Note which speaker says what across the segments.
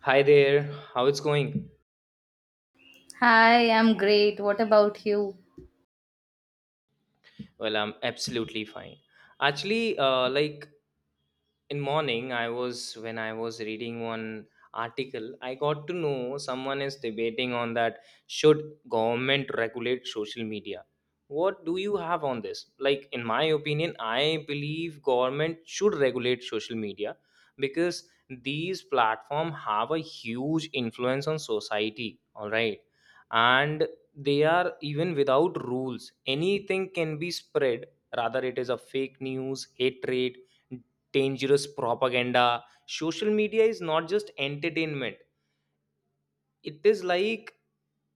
Speaker 1: Hi there, how it's going?
Speaker 2: Hi, I'm great. What about you?
Speaker 1: Well, I'm absolutely fine. Actually, like in morning I was when I was reading one article, I got to know someone is debating on that, should government regulate social media? What do you have on this? Like in my opinion, I believe government should regulate social media, because these platform have a huge influence on society, all right? And they are even without rules, anything can be spread, rather it is a fake news, hatred, dangerous propaganda. Social media is not just entertainment, it is like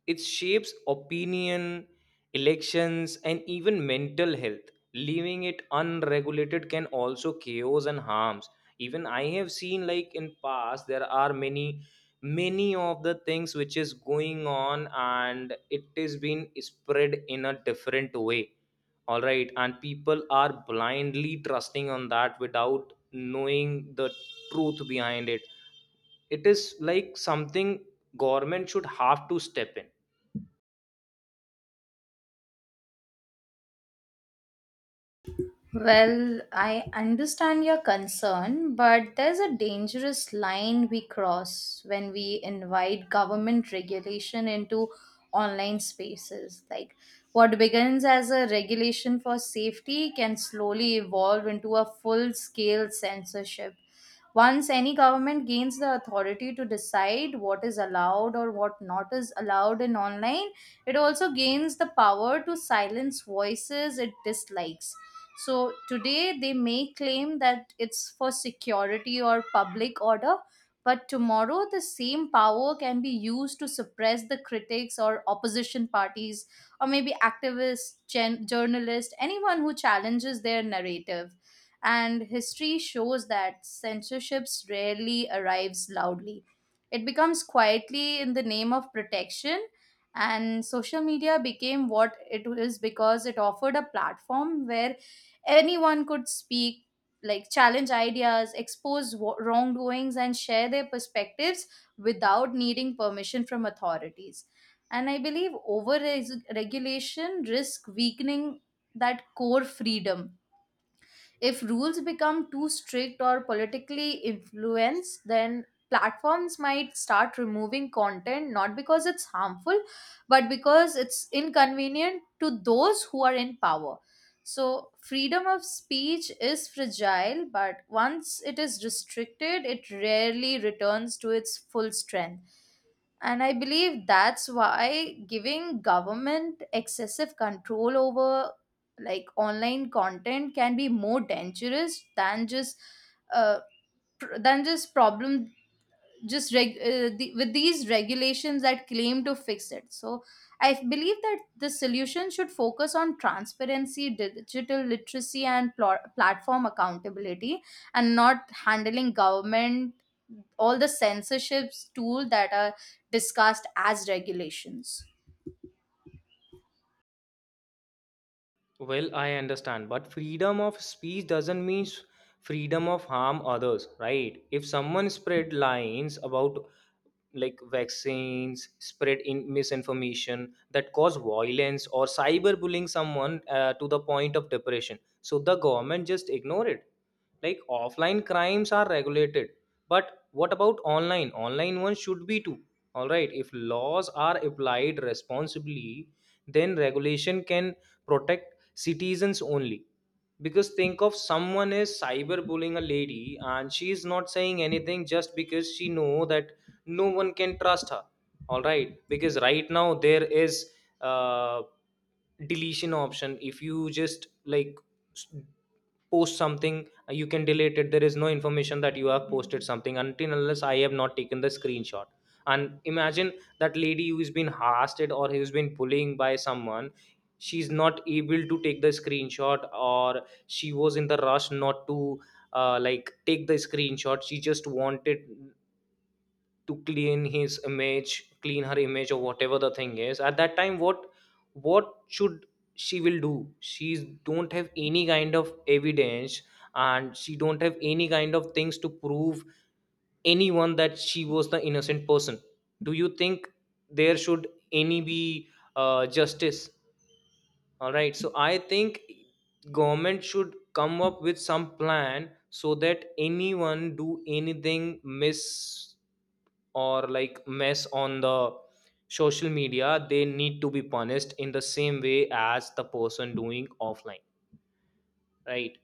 Speaker 1: it shapes opinion, elections, and even mental health. Leaving it unregulated can also chaos and harms. Even I have seen, like in past there are many of the things which is going on and it is being spread in a different way, all right? And people are blindly trusting on that without knowing the truth behind it. It is like something government should have to step in.
Speaker 2: Well, I understand your concern, but there's a dangerous line we cross when we invite government regulation into online spaces. What begins as a regulation for safety can slowly evolve into a full scale censorship. Once any government gains the authority to decide what is allowed or what not is allowed in online, it also gains the power to silence voices it dislikes, so today they may claim that it's for security or public order, but tomorrow the same power can be used to suppress the critics or opposition parties or maybe activists, journalists, anyone who challenges their narrative. And history shows that censorship rarely arrives loudly. It becomes quietly in the name of protection, and social media became what it is because it offered a platform where anyone could speak, like challenge ideas, expose wrongdoings, and share their perspectives without needing permission from authorities. And I believe over regulation risk weakening that core freedom. If rules become too strict or politically influenced, then platforms might start removing content not because it's harmful, but because it's inconvenient to those who are in power. So, freedom of speech is fragile, but once it is restricted, it rarely returns to its full strength. And I believe that's why giving government excessive control over like online content can be more dangerous than just uh, pr- than just problem just reg- the, with these regulations that claim to fix it. So I believe that the solution should focus on transparency, digital literacy, and platform accountability, and not handling government all the censorships tool that are discussed as regulations.
Speaker 1: Well, I understand, but freedom of speech doesn't mean freedom of harm others, right? If someone spread lies about like vaccines, spread in misinformation that cause violence or cyberbullying someone to the point of depression, so the government just ignore it? Like offline crimes are regulated, but what about online? Online ones should be too. All right, if laws are applied responsibly, then regulation can protect citizens only, because think of someone is cyberbullying a lady and she is not saying anything just because she know that no one can trust her. All right, because right now there is uh, deletion option. If you just like s- post something, you can delete it, there is no information that you have posted something, until unless I have not taken the screenshot. And imagine that lady who has been harassed or who has been bullying by someone, she's not able to take the screenshot, or she was in the rush not to like take the screenshot, she just wanted to clean his image, clean her image, or whatever the thing is, at that time, what should she will do? She don't have any kind of evidence, and she don't have any kind of things to prove anyone that she was the innocent person. Do you think there should any be justice? All right, so I think government should come up with some plan, so that anyone do anything miss, or like mess on the social media, they need to be punished in the same way as the person doing offline, right?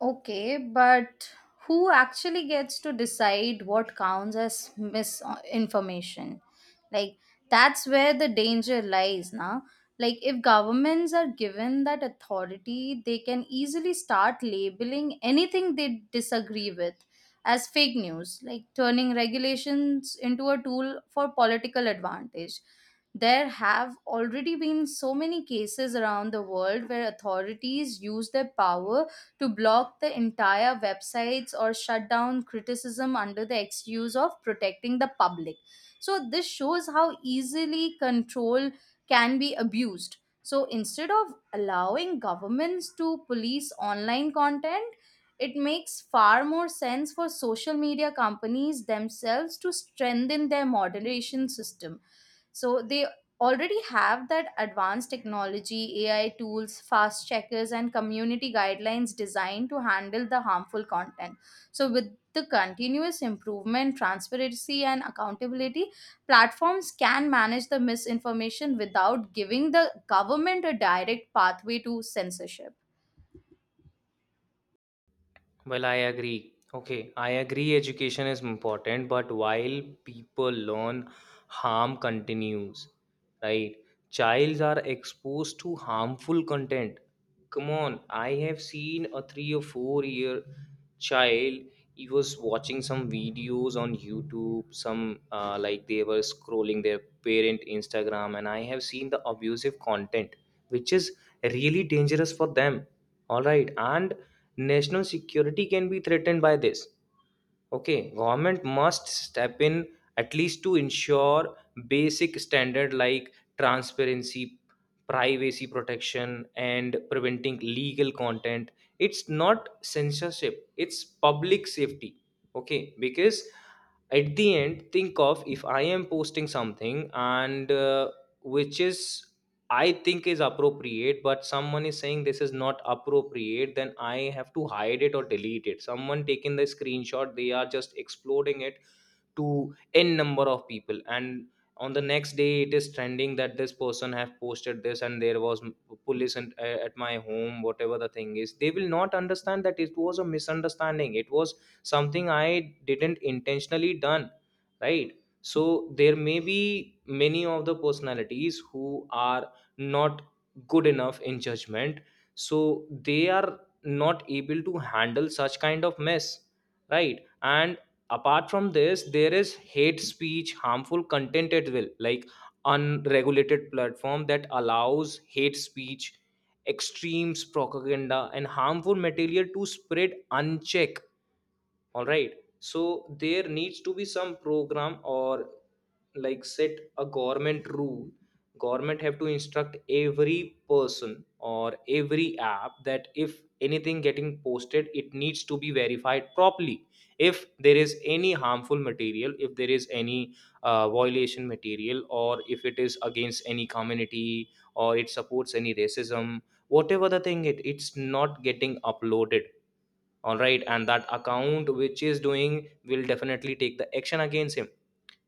Speaker 2: Okay, but who actually gets to decide what counts as misinformation? Like, that's where the danger lies, now. Like, if governments are given that authority, they can easily start labeling anything they disagree with as fake news, like turning regulations into a tool for political advantage. There have already been so many cases around the world where authorities use their power to block the entire websites or shut down criticism under the excuse of protecting the public. So, this shows how easily control can be abused. So, instead of allowing governments to police online content, it makes far more sense for social media companies themselves to strengthen their moderation system. So they already have that advanced technology, AI tools, fast checkers, and community guidelines designed to handle the harmful content. So with the continuous improvement, transparency, and accountability, platforms can manage the misinformation without giving the government a direct pathway to censorship.
Speaker 1: Well, I agree. Okay, I agree education is important, but while people learn, harm continues, right? Childs are exposed to harmful content. Come on, I have seen a 3 or 4 year child. He was watching some videos on YouTube, some like they were scrolling their parent Instagram, and I have seen the abusive content, which is really dangerous for them. All right, and national security can be threatened by this. Okay, government must step in at least to ensure basic standard like transparency, privacy protection, and preventing legal content. It's not censorship, it's public safety. Okay, because at the end, think of if I am posting something and which is I think is appropriate, but someone is saying this is not appropriate, then I have to hide it or delete it. Someone taking the screenshot, they are just exploding it to n number of people, and on the next day it is trending that this person have posted this, and there was police and, at my home, whatever the thing is, they will not understand that it was a misunderstanding, it was something I didn't intentionally done, right? So there may be many of the personalities who are not good enough in judgment, so they are not able to handle such kind of mess, right? And apart from this, there is hate speech, harmful content at will, like unregulated platform that allows hate speech, extremes propaganda, and harmful material to spread unchecked, all right? So there needs to be some program, or like set a government rule, government have to instruct every person or every app that if anything getting posted, it needs to be verified properly. If there is any harmful material, if there is any violation material, or if it is against any community, or it supports any racism, whatever the thing it's not getting uploaded. All right, and that account which is doing, will definitely take the action against him.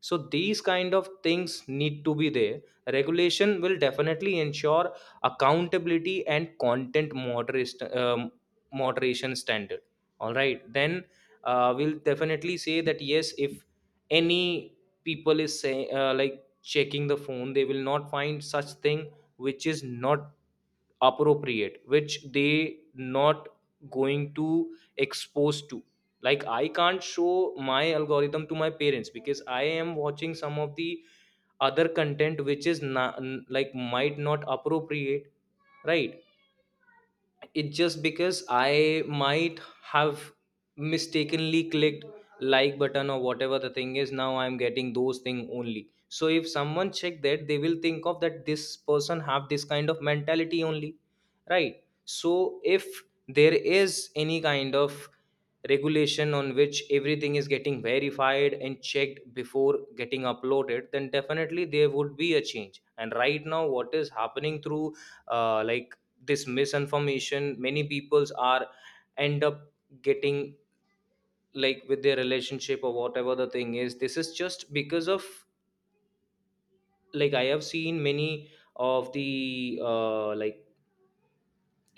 Speaker 1: So these kind of things need to be there, regulation will definitely ensure accountability and content moderation, moderation standard, all right? Then we'll definitely say that yes, if any people is say, like checking the phone, they will not find such thing which is not appropriate, which they not going to expose to, like I can't show my algorithm to my parents, because I am watching some of the other content which is not like might not appropriate, right? It just because I might have mistakenly clicked like button, or whatever the thing is, now I'm getting those thing only, so if someone check that, they will think of that this person have this kind of mentality only, right? So if there is any kind of regulation on which everything is getting verified and checked before getting uploaded, then definitely there would be a change. And right now what is happening through like this misinformation, many peoples are end up getting, like with their relationship or whatever the thing is. This is just because of, like I have seen many of the like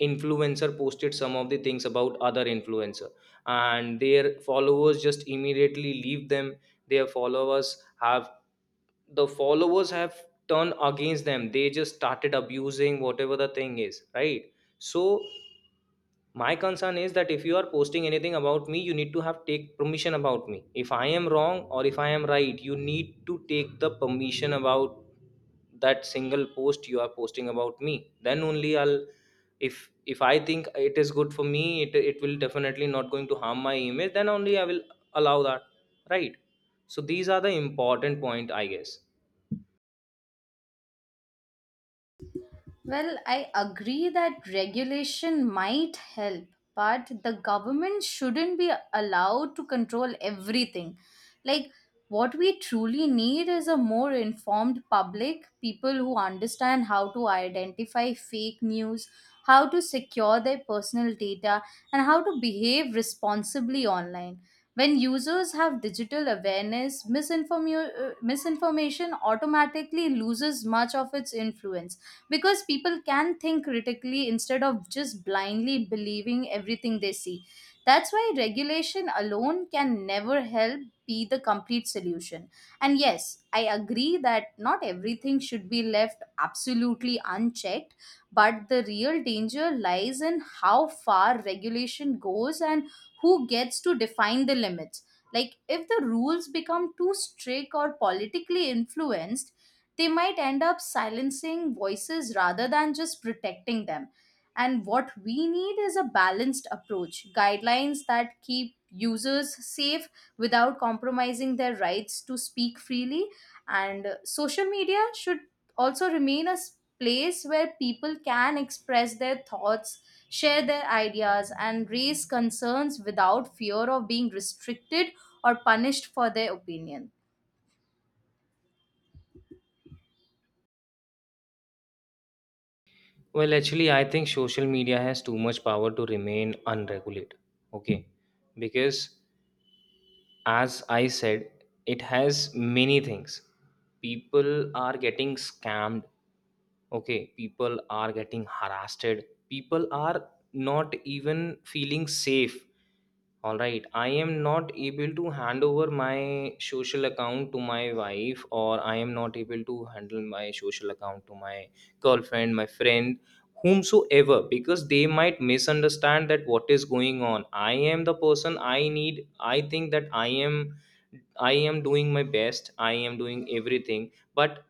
Speaker 1: influencer posted some of the things about other influencer, and their followers just immediately leave them, their followers have the followers have turned against them, they just started abusing, whatever the thing is, right? So my concern is that if you are posting anything about me, you need to have take permission about me. If I am wrong or if I am right, you need to take the permission about that single post you are posting about me, then only I'll if I think it is good for me, it will definitely not going to harm my image, then only I will allow that, right? So these are the important point, I guess.
Speaker 2: Well, I agree that regulation might help, but the government shouldn't be allowed to control everything. Like, what we truly need is a more informed public, people who understand how to identify fake news, how to secure their personal data, and how to behave responsibly online. When users have digital awareness, misinformation automatically loses much of its influence because people can think critically instead of just blindly believing everything they see. That's why regulation alone can never help be the complete solution. And yes, I agree that not everything should be left absolutely unchecked, but the real danger lies in how far regulation goes and who gets to define the limits. Like, if the rules become too strict or politically influenced, they might end up silencing voices rather than just protecting them. And what we need is a balanced approach, guidelines that keep users safe without compromising their rights to speak freely. And social media should also remain a place where people can express their thoughts, share their ideas, and raise concerns without fear of being restricted or punished for their opinion.
Speaker 1: Well, actually I think social media has too much power to remain unregulated, okay? Because as I said, it has many things. People are getting scammed, okay? People are getting harassed, people are not even feeling safe. All right, I am not able to hand over my social account to my wife, or I am not able to handle my social account to my girlfriend, my friend, whomsoever, because they might misunderstand that what is going on. I am the person I need. I think that I am doing my best. I am doing everything, but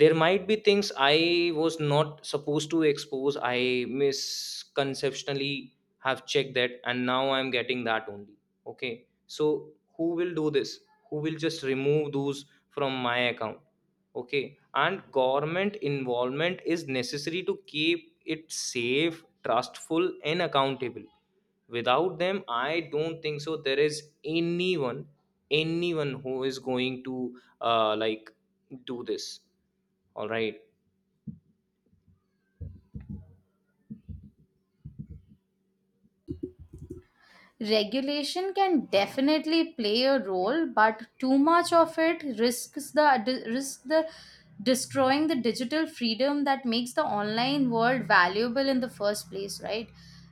Speaker 1: there might be things I was not supposed to expose, I misconceptionally have checked that and now I'm getting that only. Okay, so who will do this? Who will just remove those from my account? Okay, and government involvement is necessary to keep it safe, trustful, and accountable. Without them, I don't think so there is anyone who is going to like do this, all right.
Speaker 2: Regulation can definitely play a role, but too much of it risks the risk the destroying the digital freedom that makes the online world valuable in the first place, right?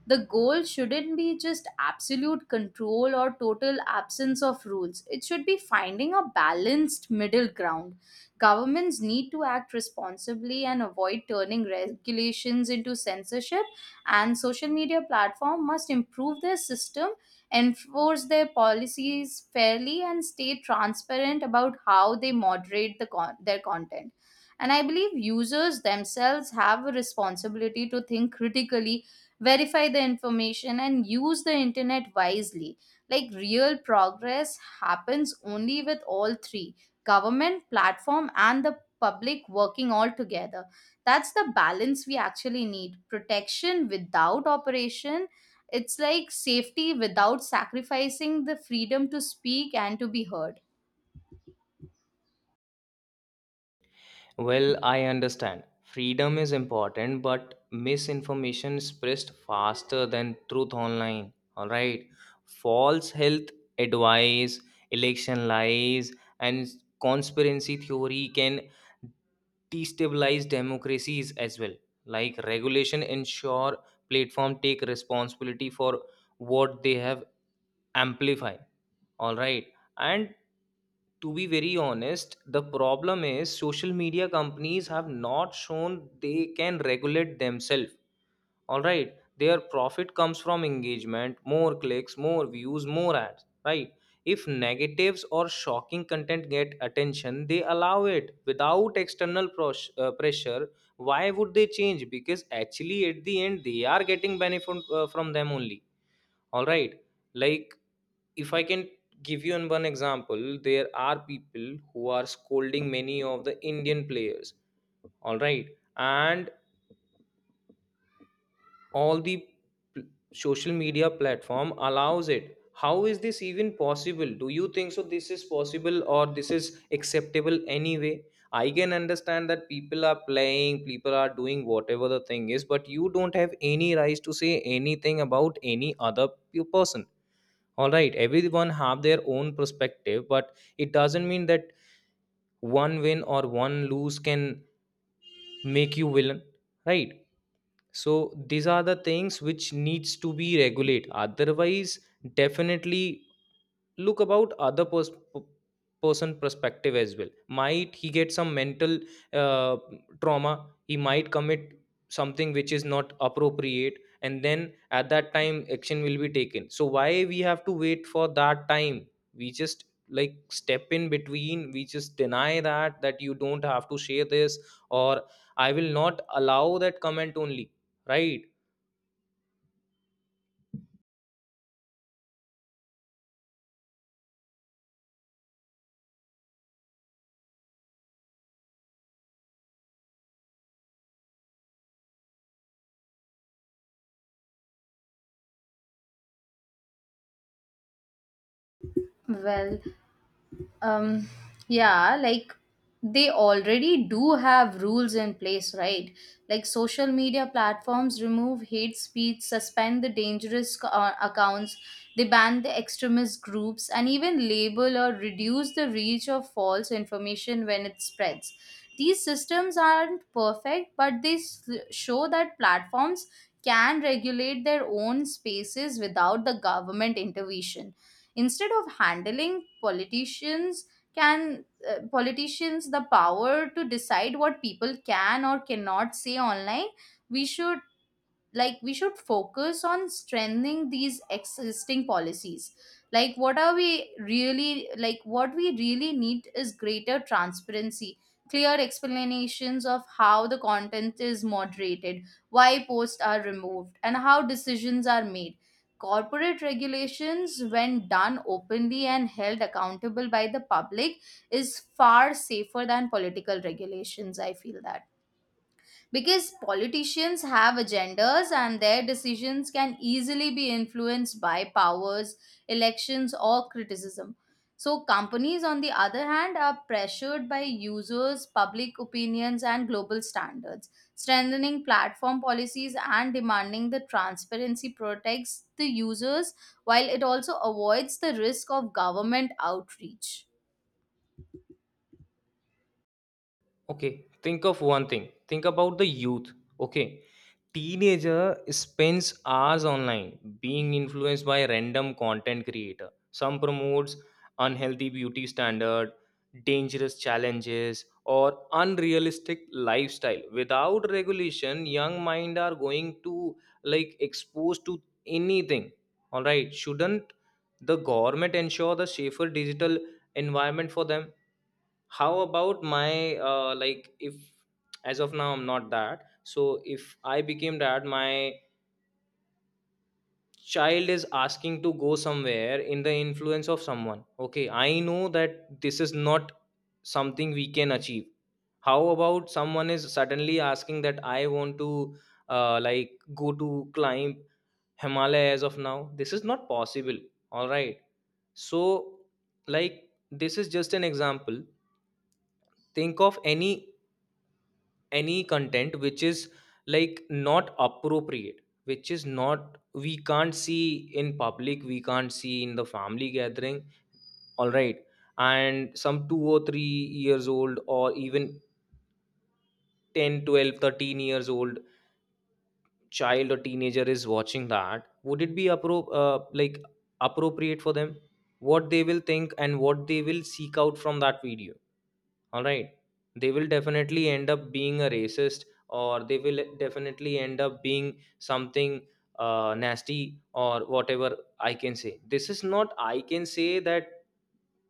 Speaker 2: The goal shouldn't be just absolute control or total absence of rules. It should be finding a balanced middle ground. Governments need to act responsibly and avoid turning regulations into censorship, and social media platform must improve their system, enforce their policies fairly, and stay transparent about how they moderate their content. And I believe users themselves have a responsibility to think critically, verify the information, and use the internet wisely. Like, real progress happens only with all three: government, platform, and the public working all together. That's the balance we actually need: protection without operation. It's like safety without sacrificing the freedom to speak and to be heard.
Speaker 1: Well, I understand. Freedom is important, but misinformation spreads faster than truth online. All right. False health advice, election lies, and conspiracy theory can destabilize democracies as well, like regulation ensure platform take responsibility for what they have amplified, all right? And to be very honest, the problem is social media companies have not shown they can regulate themselves, all right? Their profit comes from engagement, more clicks, more views, more ads, right? If negatives or shocking content get attention, they allow it without external pressure. Why would they change, because actually at the end they are getting benefit from them only, all right? Like, if I can give you an one example, there are people who are scolding many of the Indian players, all right? And all the pl- social media platform allows it. How is this even possible? Do you think so this is possible, or this is acceptable anyway? I can understand that people are playing, people are doing whatever the thing is, but you don't have any rights to say anything about any other person. All right, everyone have their own perspective, but it doesn't mean that one win or one lose can make you villain, right? So these are the things which needs to be regulate, otherwise definitely, look about other person perspective as well. Might he get some mental uh, trauma, he might commit something which is not appropriate, and then at that time action will be taken. So why we have to wait for that time? We just like step in between, we just deny that you don't have to share this or I will not allow that comment only, right?
Speaker 2: Well, um yeah, like they already do have rules in place, right? Like, social media platforms remove hate speech, suspend the dangerous accounts, they ban the extremist groups, and even label or reduce the reach of false information when it spreads. These systems aren't perfect, but they show that platforms can regulate their own spaces without the government intervention. Instead of handling politicians can politicians the power to decide what people can or cannot say online, we should focus on strengthening these existing policies. Like, what we really need is greater transparency, clear explanations of how the content is moderated, why posts are removed, and how decisions are made. Corporate regulations, when done openly and held accountable by the public, is far safer than political regulations, I feel that, because politicians have agendas and their decisions can easily be influenced by powers, elections, or criticism. So, companies, on the other hand, are pressured by users, public opinions, and global standards. Strengthening platform policies and demanding the transparency protects the users while it also avoids the risk of government outreach.
Speaker 1: Okay, think of one thing, think about the youth. Okay? Teenager spends hours online, being influenced by random content creator. Some promotes unhealthy beauty standard, dangerous challenges, or unrealistic lifestyle. Without regulation, young mind are going to, like, exposed to anything. All right, shouldn't the government ensure the safer digital environment for them? How about my, like, if as of now I'm not that, so if I became that, my child is asking to go somewhere in the influence of someone, okay? I know that this is not something we can achieve. How about someone is suddenly asking that I want to, like, go to climb Himalaya? As of now, this is not possible, all right? So, like, this is just an example. Think of any content which is, like, not appropriate, which is not, we can't see in public, we can't see in the family gathering, all right? And some 2 or 3 years old or even 10, 12, 13 years old child or teenager is watching that, would it be appropriate for them? What they will think and what they will seek out from that video, all right? They will definitely end up being a racist, or they will definitely end up being something nasty or whatever I can say. This is not, I can say, that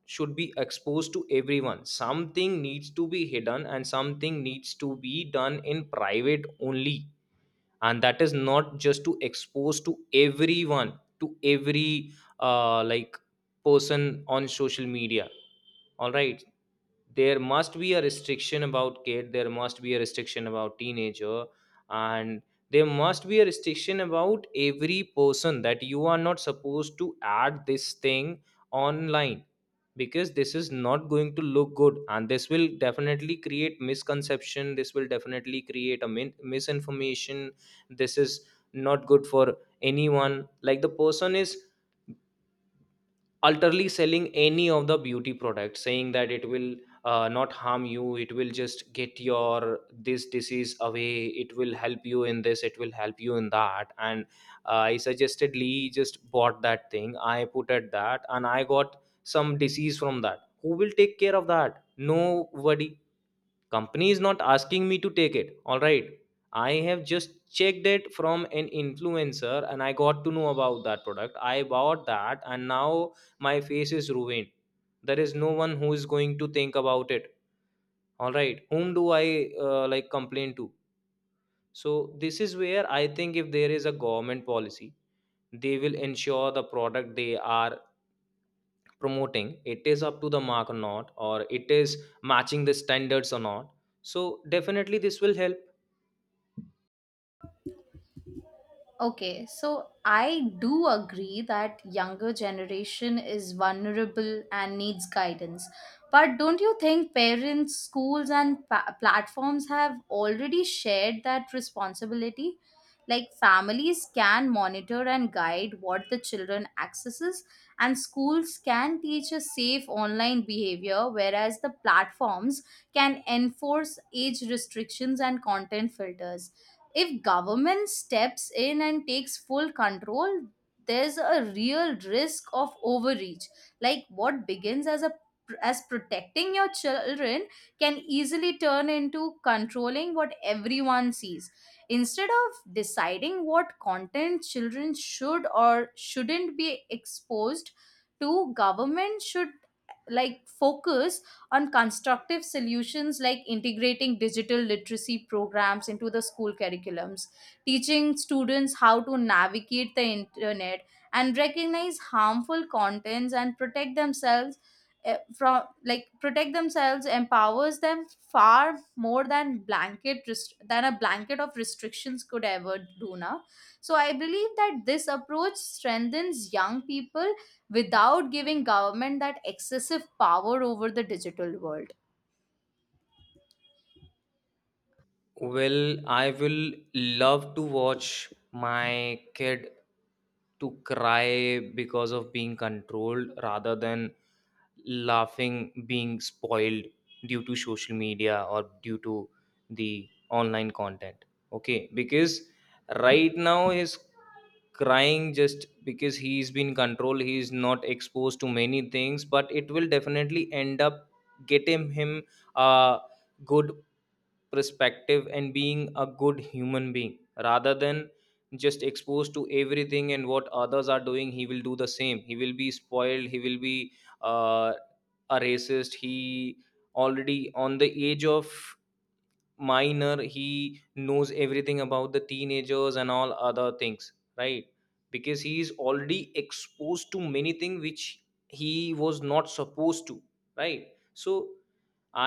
Speaker 1: should be exposed to everyone. Something needs to be hidden and something needs to be done in private only, and that is not just to expose to everyone, to every uh, like person on social media, all right? There must be a restriction about kid, there must be a restriction about teenager, and there must be a restriction about every person that you are not supposed to add this thing online, because this is not going to look good, and this will definitely create misconception. This will definitely create misinformation. This is not good for anyone. Like, the person is utterly selling any of the beauty products, saying that it will not harm you, it will just get your this disease away, it will help you in this, it will help you in that, and I suggestedly just bought that thing, I put at that and I got some disease from that. Who will take care of that? Nobody. Company is not asking me to take it, all right? I have just checked it from an influencer and I got to know about that product. I bought that and now my face is ruined. There is no one who is going to think about it, all right? Whom do I, like, complain to? So, this is where I think if there is a government policy, they will ensure the product they are promoting, it is up to the mark or not, or it is matching the standards or not. So, definitely this will help.
Speaker 2: Okay, so I do agree that younger generation is vulnerable and needs guidance. But don't you think parents, schools, and platforms have already shared that responsibility? Like, families can monitor and guide what the children accesses, and schools can teach a safe online behavior, whereas the platforms can enforce age restrictions and content filters. If government steps in and takes full control, there's a real risk of overreach. Like, what begins as a as protecting your children can easily turn into controlling what everyone sees. Instead of deciding what content children should or shouldn't be exposed to, government should like focus on constructive solutions like integrating digital literacy programs into the school curriculums, teaching students how to navigate the internet and recognize harmful contents and protect themselves, eh, from like protect themselves empowers them far more than a blanket of restrictions could ever do now. So I believe that this approach strengthens young people without giving government that excessive power over the digital world.
Speaker 1: Well, I will love to watch my kid to cry because of being controlled rather than laughing being spoiled due to social media or due to the online content. Okay, because right now he's crying just because he's been controlled, he's not exposed to many things, but it will definitely end up getting him a good perspective and being a good human being rather than just exposed to everything, and what others are doing, he will do the same. He will be spoiled. He will be uh, a racist. He already on the age of minor, he knows everything about the teenagers and all other things, right? Because he is already exposed to many things which he was not supposed to, right? So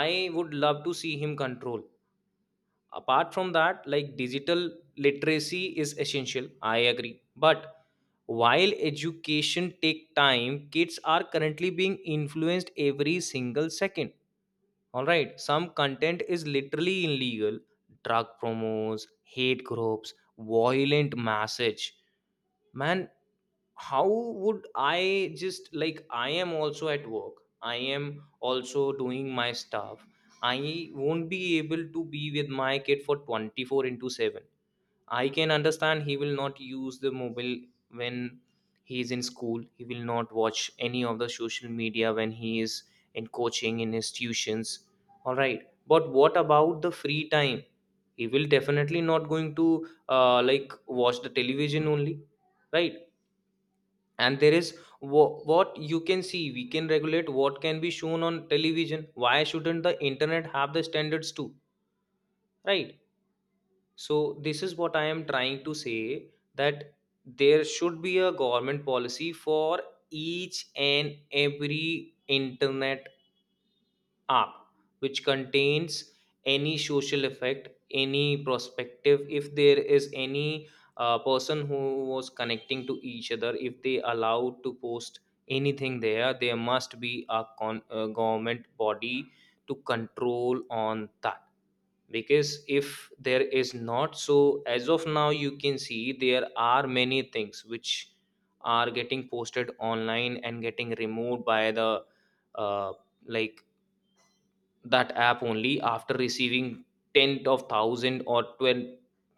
Speaker 1: I would love to see him control. Apart from that, like, digital literacy is essential, I agree, but while education take time, kids are currently being influenced every single second, all right? Some content is literally illegal: drug promos, hate groups, violent message, man. How would I, just like, I am also at work, I am also doing my stuff. I won't be able to be with my kid for 24/7. I can understand he will not use the mobile when he is in school, he will not watch any of the social media when he is in coaching, in his tuitions, all right? But what about the free time? He will definitely not going to watch the television only, right? And there is, what you can see, we can regulate what can be shown on television, why shouldn't the internet have the standards too, right? So this is what I am trying to say, that there should be a government policy for each and every internet app which contains any social effect, any perspective. If there is any person who was connecting to each other, if they allowed to post anything there, there must be a government body to control on that. Because if there is not, so as of now you can see there are many things which are getting posted online and getting removed by the uh, like that app only after receiving 10 of 1,000 or 12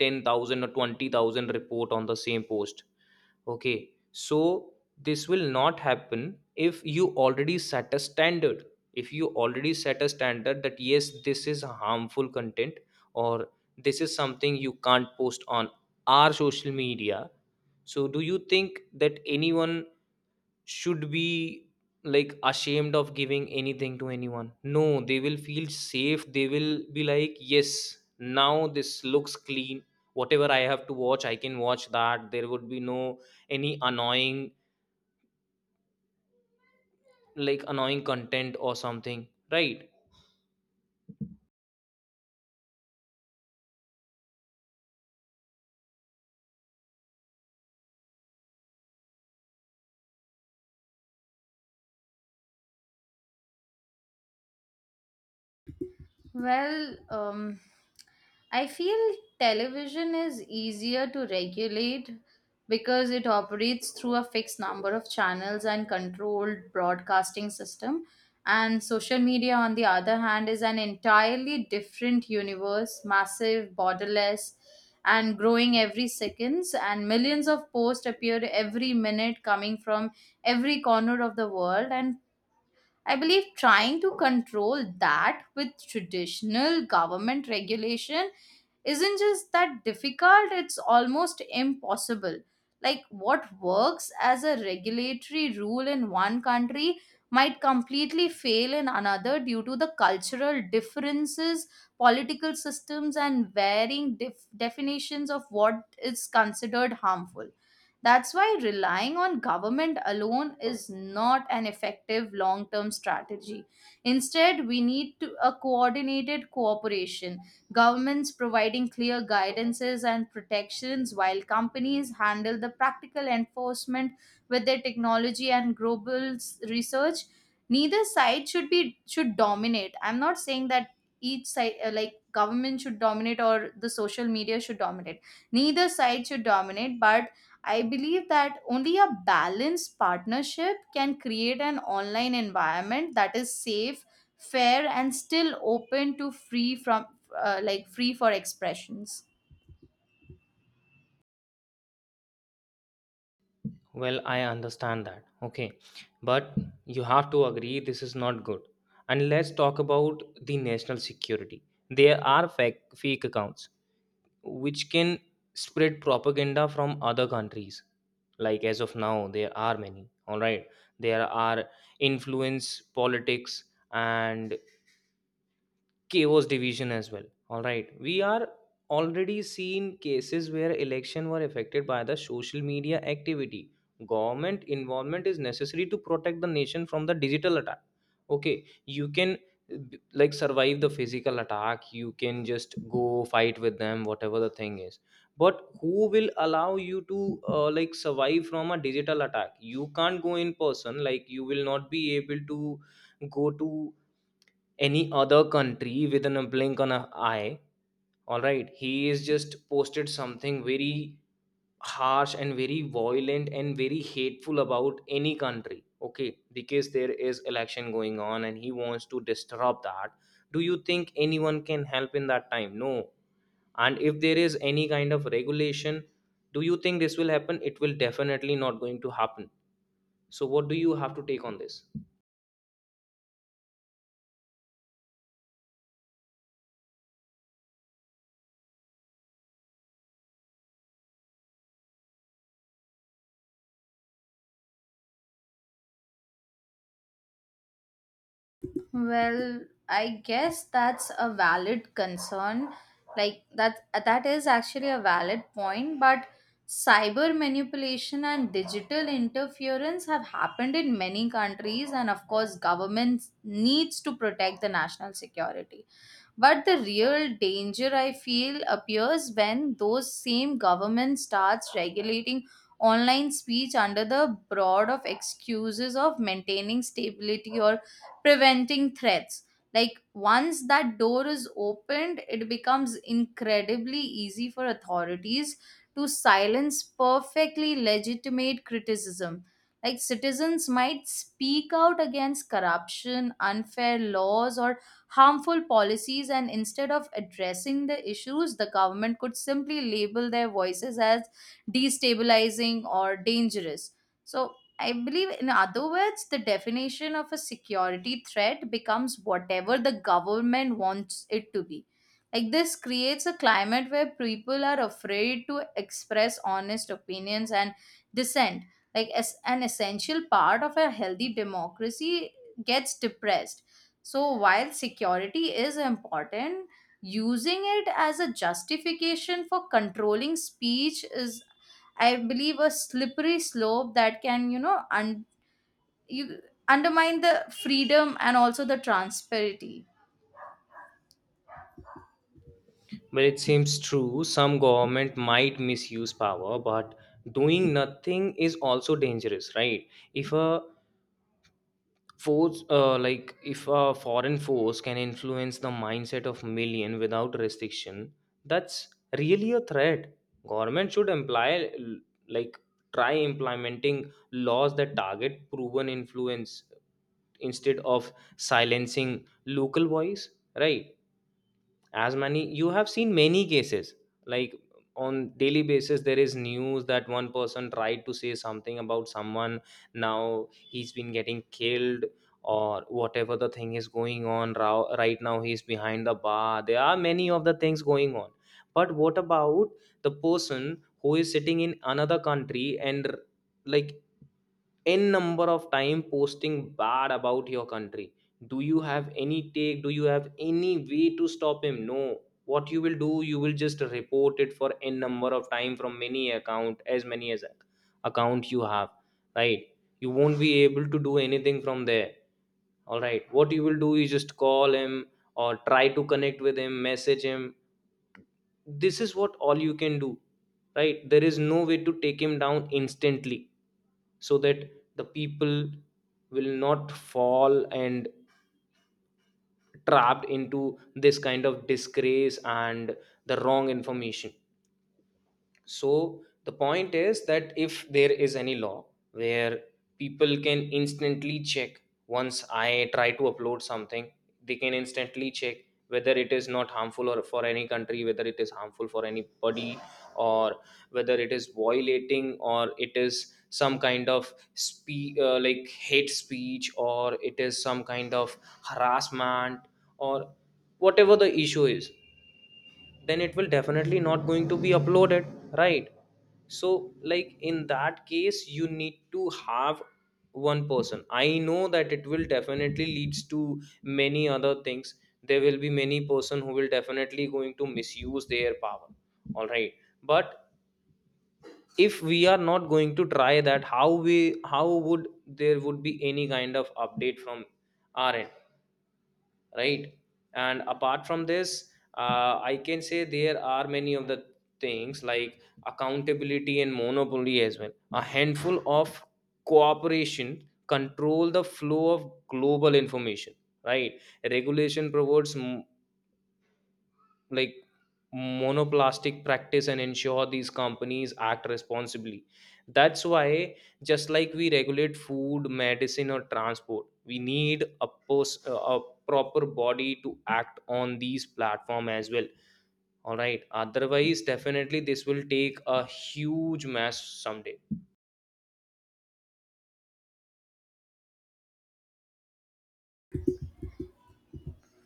Speaker 1: or 20,000 report on the same post, okay? So, this will not happen if you already set a standard, if you already set a standard that yes, this is harmful content, or this is something you can't post on our social media. So do you think that anyone should be, like, ashamed of giving anything to anyone? No, they will feel safe. They will be like, yes, now this looks clean. Whatever I have to watch, I can watch that. There would be no any annoying, like, annoying content or something, right?
Speaker 2: Well, um, I feel television is easier to regulate because it operates through a fixed number of channels and controlled broadcasting system. And social media, on the other hand, is an entirely different universe, massive, borderless, and growing every seconds. And millions of posts appear every minute coming from every corner of the world. And I believe trying to control that with traditional government regulation isn't just that difficult, it's almost impossible. Like, what works as a regulatory rule in one country might completely fail in another due to the cultural differences, political systems, and varying definitions of what is considered harmful. That's why relying on government alone is not an effective long term strategy. Instead, we need to, a coordinated cooperation, governments providing clear guidances and protections, while companies handle the practical enforcement with their technology and global research. Neither side should dominate. I'm not saying that each side like government should dominate or the social media should dominate. Neither side should dominate, but I believe that only a balanced partnership can create an online environment that is safe, fair, and still open to free from like free for expressions.
Speaker 1: Well, I understand that. Okay. But you have to agree this is not good. And let's talk about the national security. There are fake accounts which can spread propaganda from other countries. Like as of now, there are many. All right. There are influence politics and chaos division as well, all right? We are already seen cases where election were affected by the social media activity. Government involvement is necessary to protect the nation from the digital attack, okay? You can survive the physical attack, you can just go fight with them whatever the thing is. But who will allow you to, survive from a digital attack? You can't go in person, like you will not be able to go to any other country within a blink on an eye, all right? He is just posted something very harsh and very violent and very hateful about any country, okay, because there is election going on and he wants to disturb that. Do you think anyone can help in that time? No. And if there is any kind of regulation, do you think this will happen? It will definitely not going to happen. So what do you have to take on this?
Speaker 2: Well, I guess that's a valid concern. Like that is actually a valid point, but cyber manipulation and digital interference have happened in many countries, and of course governments needs to protect the national security, but the real danger I feel appears when those same government starts regulating online speech under the broad of excuses of maintaining stability or preventing threats. Like, once that door is opened, it becomes incredibly easy for authorities to silence perfectly legitimate criticism. Like, citizens might speak out against corruption, unfair laws, or harmful policies, and instead of addressing the issues, the government could simply label their voices as destabilizing or dangerous. So, I believe, in other words, the definition of a security threat becomes whatever the government wants it to be. Like, this creates a climate where people are afraid to express honest opinions and dissent. Like, as an essential part of a healthy democracy gets depressed. So while security is important, using it as a justification for controlling speech is, I believe, a slippery slope that can, you know, un- you undermine the freedom and also the transparency.
Speaker 1: Well, it seems true. Some government might misuse power, but doing nothing is also dangerous, right? If a foreign force can influence the mindset of million without restriction, that's really a threat. Government should like, try implementing laws that target proven influence instead of silencing local voice, right? As many, you have seen many cases, like, on daily basis there is news that one person tried to say something about someone, now he's been getting killed, or whatever the thing is going on, right now he's behind the bar, there are many of the things going on. But what about the person who is sitting in another country and, like, n number of time posting bad about your country? Do you have any take? Do you have any way to stop him? No. What you will do, you will just report it for n number of time from many account, as many as account you have, right? You won't be able to do anything from there, all right? What you will do is just call him or try to connect with him, message him. This is what all you can do, right? There is no way to take him down instantly, so that the people will not fall and trapped into this kind of disgrace and the wrong information. So the point is that if there is any law where people can instantly check, once I try to upload something, they can instantly check whether it is not harmful or for any country, whether it is harmful for anybody, or whether it is violating, or it is some kind of hate speech, or it is some kind of harassment, or whatever the issue is, then it will definitely not going to be uploaded, right? So, like, in that case you need to have one person. I know that it will definitely leads to many other things. There will be many person who will Definitely going to misuse their power. All right, but if we are not going to try that, how we how would there would be any kind of update from our end? Right. And apart from this, I can say there are many of the things like accountability and monopoly as well. A handful of cooperation control the flow of global information, right? Regulation provides, like, monoplastic practice and ensure these companies act responsibly. That's why, just like we regulate food, medicine, or transport, we need a proper body to act on these platform as well. All right, otherwise definitely this will take a huge mess someday.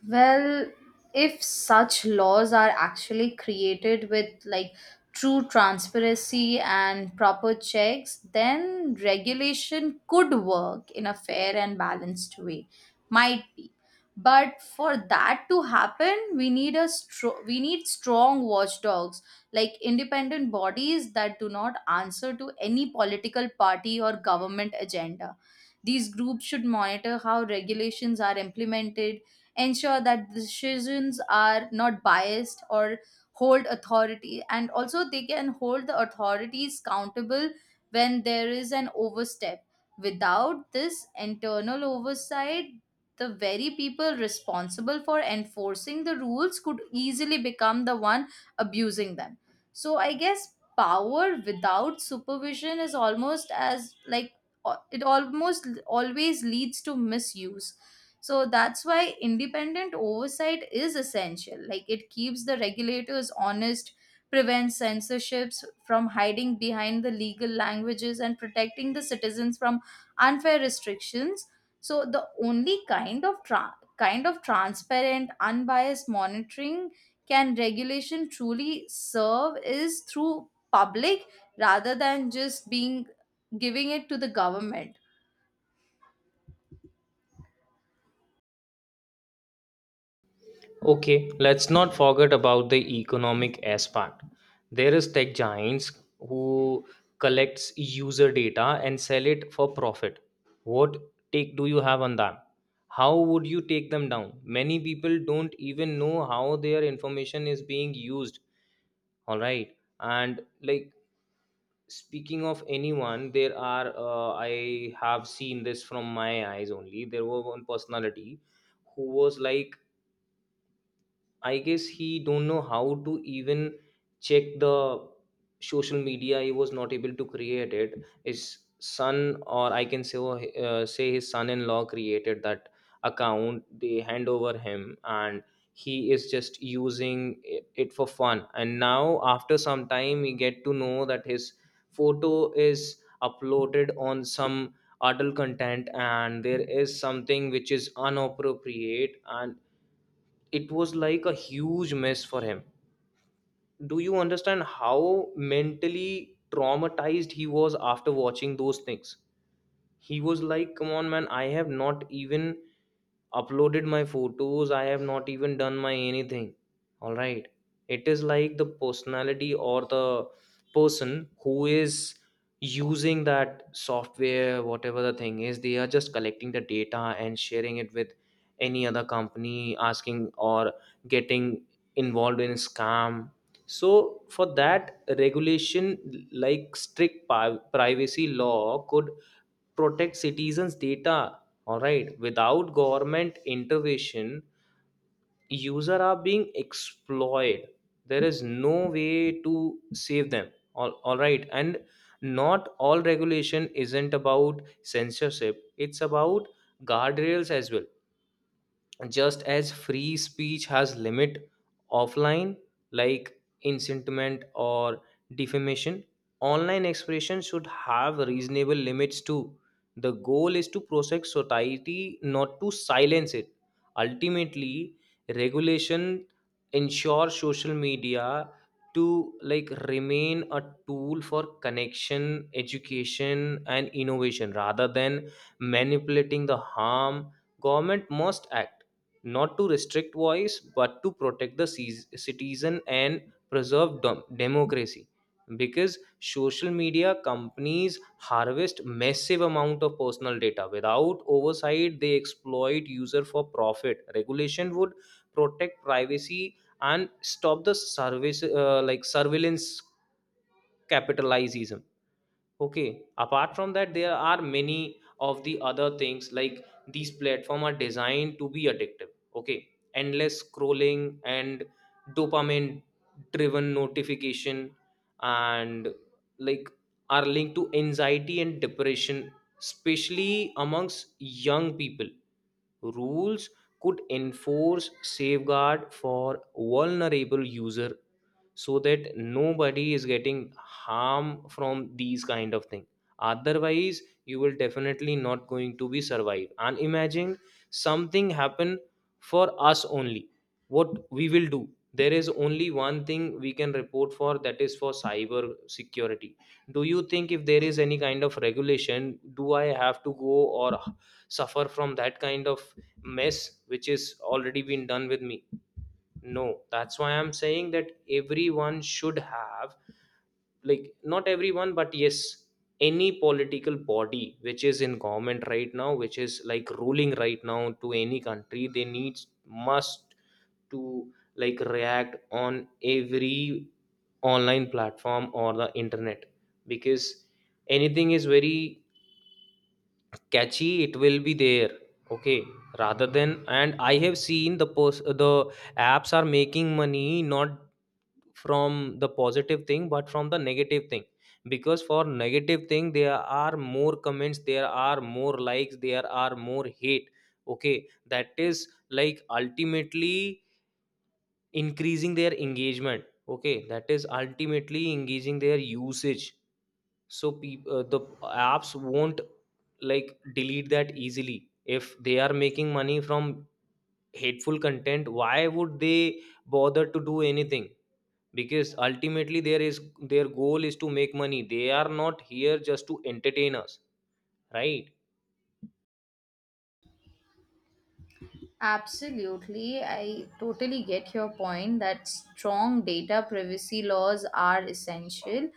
Speaker 2: Well, if such laws are actually created with like true transparency and proper checks, then regulation could work in a fair and balanced way. Might be. But for that to happen, we need strong watchdogs, like independent bodies that do not answer to any political party or government agenda. These groups should monitor how regulations are implemented, ensure that decisions are not biased, or hold authority, and also they can hold the authorities accountable when there is an overstep. Without this internal oversight, the very people responsible for enforcing the rules could easily become the one abusing them. So I guess power without supervision is almost as like it almost always leads to misuse. So that's why independent oversight is essential. Like, it keeps the regulators honest, prevents censorships from hiding behind the legal languages, and protecting the citizens from unfair restrictions. So the only kind of transparent unbiased monitoring can regulation truly serve is through public rather than just being giving it to the government.
Speaker 1: Okay, let's not forget about the economic aspect. There is tech giants who collects user data and sell it for profit. What take do you have on that? How would you take them down? Many people don't even know how their information is being used. All right, and like, speaking of anyone, there are I have seen this from my eyes only. There was one personality who was like, I guess he don't know how to even check the social media. He was not able to create it. His son, or I can say his son-in-law, created that account. They hand over him, and he is just using it for fun. And now, after some time, we get to know that his photo is uploaded on some adult content, and there is something which is inappropriate, and it was like a huge mess for him. Do you understand how mentally traumatized he was after watching those things? He was like, come on man, I have not even uploaded my photos, I have not even done my anything. All right, it is like the personality or the person who is using that software, whatever the thing is, they are just collecting the data and sharing it with any other company, asking or getting involved in scam. So for that, regulation like privacy law could protect citizens data. All right, without government intervention, user are being exploited. There is no way to save them all. All right, and not all regulation isn't about censorship, it's about guardrails as well. Just as free speech has limit offline, like incitement or defamation, online expression should have reasonable limits too. The goal is to protect society, not to silence it. Ultimately, regulation ensures social media to, like, remain a tool for connection, education, and innovation rather than manipulating the harm. Government must act not to restrict voice, but to protect the citizen and preserve democracy. Because social media companies harvest massive amount of personal data without oversight, they exploit user for profit. Regulation would protect privacy and stop the service, like, surveillance capitalism. Okay, apart from that, there are many of the other things, like these platform are designed to be addictive. Okay, endless scrolling and dopamine driven notification, and, like, are linked to anxiety and depression, especially amongst young people. Rules could enforce safeguard for vulnerable user, so that nobody is getting harm from these kind of thing. Otherwise, you will definitely not going to be survive. And imagine something happen for us only, what we will do? There is only one thing we can report for, that is for cyber security. Do you think if there is any kind of regulation, do I have to go or suffer from that kind of mess which is already been done with me? No, that's why I'm saying that everyone should have, like, not everyone, but yes, any political body which is in government right now, which is like ruling right now to any country, they need must to, like, react on every online platform or the internet. Because anything is very catchy, it will be there. Okay, rather than, and I have seen the post, the apps are making money not from the positive thing but from the negative thing. Because for negative thing there are more comments, there are more likes, there are more hate. Okay, that is like ultimately increasing their engagement. Okay, that is ultimately engaging their usage. So the apps won't, like, delete that easily. If they are making money from hateful content, why would they bother to do anything? Because ultimately, there is their goal is to make money, they are not here just to entertain us, right?
Speaker 2: Absolutely. I totally get your point that strong data privacy laws are essential,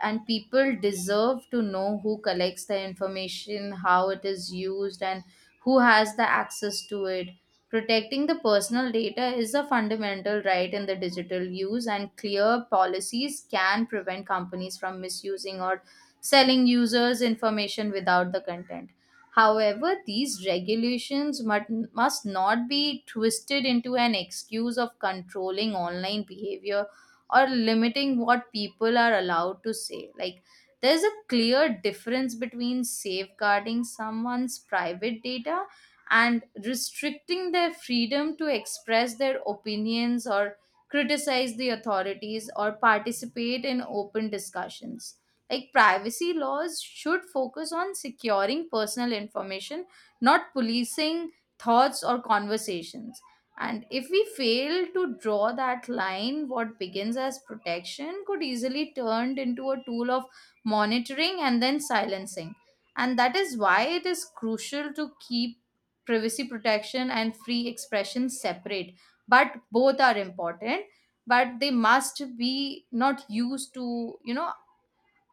Speaker 2: and people deserve to know who collects the information, how it is used, and who has the access to it. Protecting the personal data is a fundamental right in the digital use, and clear policies can prevent companies from misusing or selling users' information without the content. However, these regulations must not be twisted into an excuse of controlling online behavior or limiting what people are allowed to say. Like, there's a clear difference between safeguarding someone's private data and restricting their freedom to express their opinions or criticize the authorities or participate in open discussions. Like, privacy laws should focus on securing personal information, not policing thoughts or conversations. And if we fail to draw that line, what begins as protection could easily turned into a tool of monitoring and then silencing. And that is why it is crucial to keep privacy protection and free expression separate. But both are important, but they must be not used to, you know,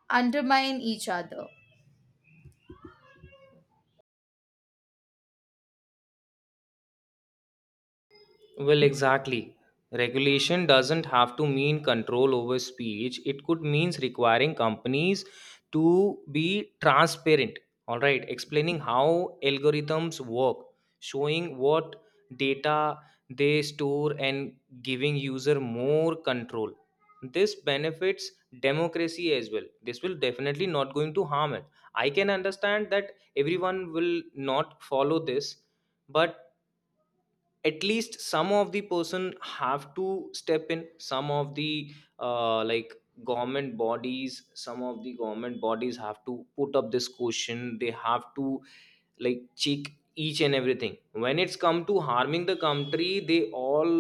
Speaker 2: undermine each other.
Speaker 1: Well, exactly. Regulation doesn't have to mean control over speech. It could means requiring companies to be transparent, all right, explaining how algorithms work, showing what data they store, and giving user more control. This benefits democracy as well. This will definitely not going to harm it. I can understand that everyone will not follow this, but at least some of the person have to step in. Some of the like, government bodies, some of the government bodies have to put up this question. They have to, like, cheek each and everything. When it's come to harming the country, they all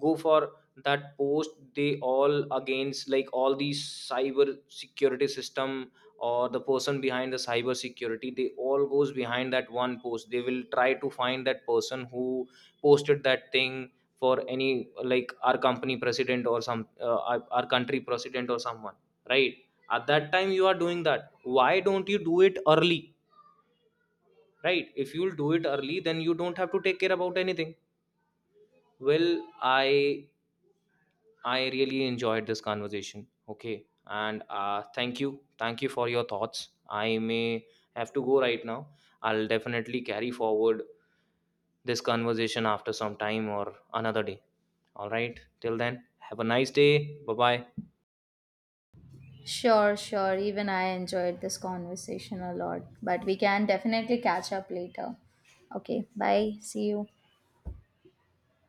Speaker 1: go for that post, they all against, like, all these cyber security system, or the person behind the cyber security, they all goes behind that one post, they will try to find that person who posted that thing for any, like, our company president or some our country president or someone, right? At that time you are doing that, why don't you do it early? Right, if you'll do it early, then you don't have to take care about anything. Well, i I really enjoyed this conversation. Okay, and thank you, thank you for your thoughts. I may have to go right now. I'll definitely carry forward this conversation after some time or another day. All right, till then, have a nice day. Bye bye.
Speaker 2: Sure, sure. Even I enjoyed this conversation a lot, but we can definitely catch up later. Okay, bye. See you.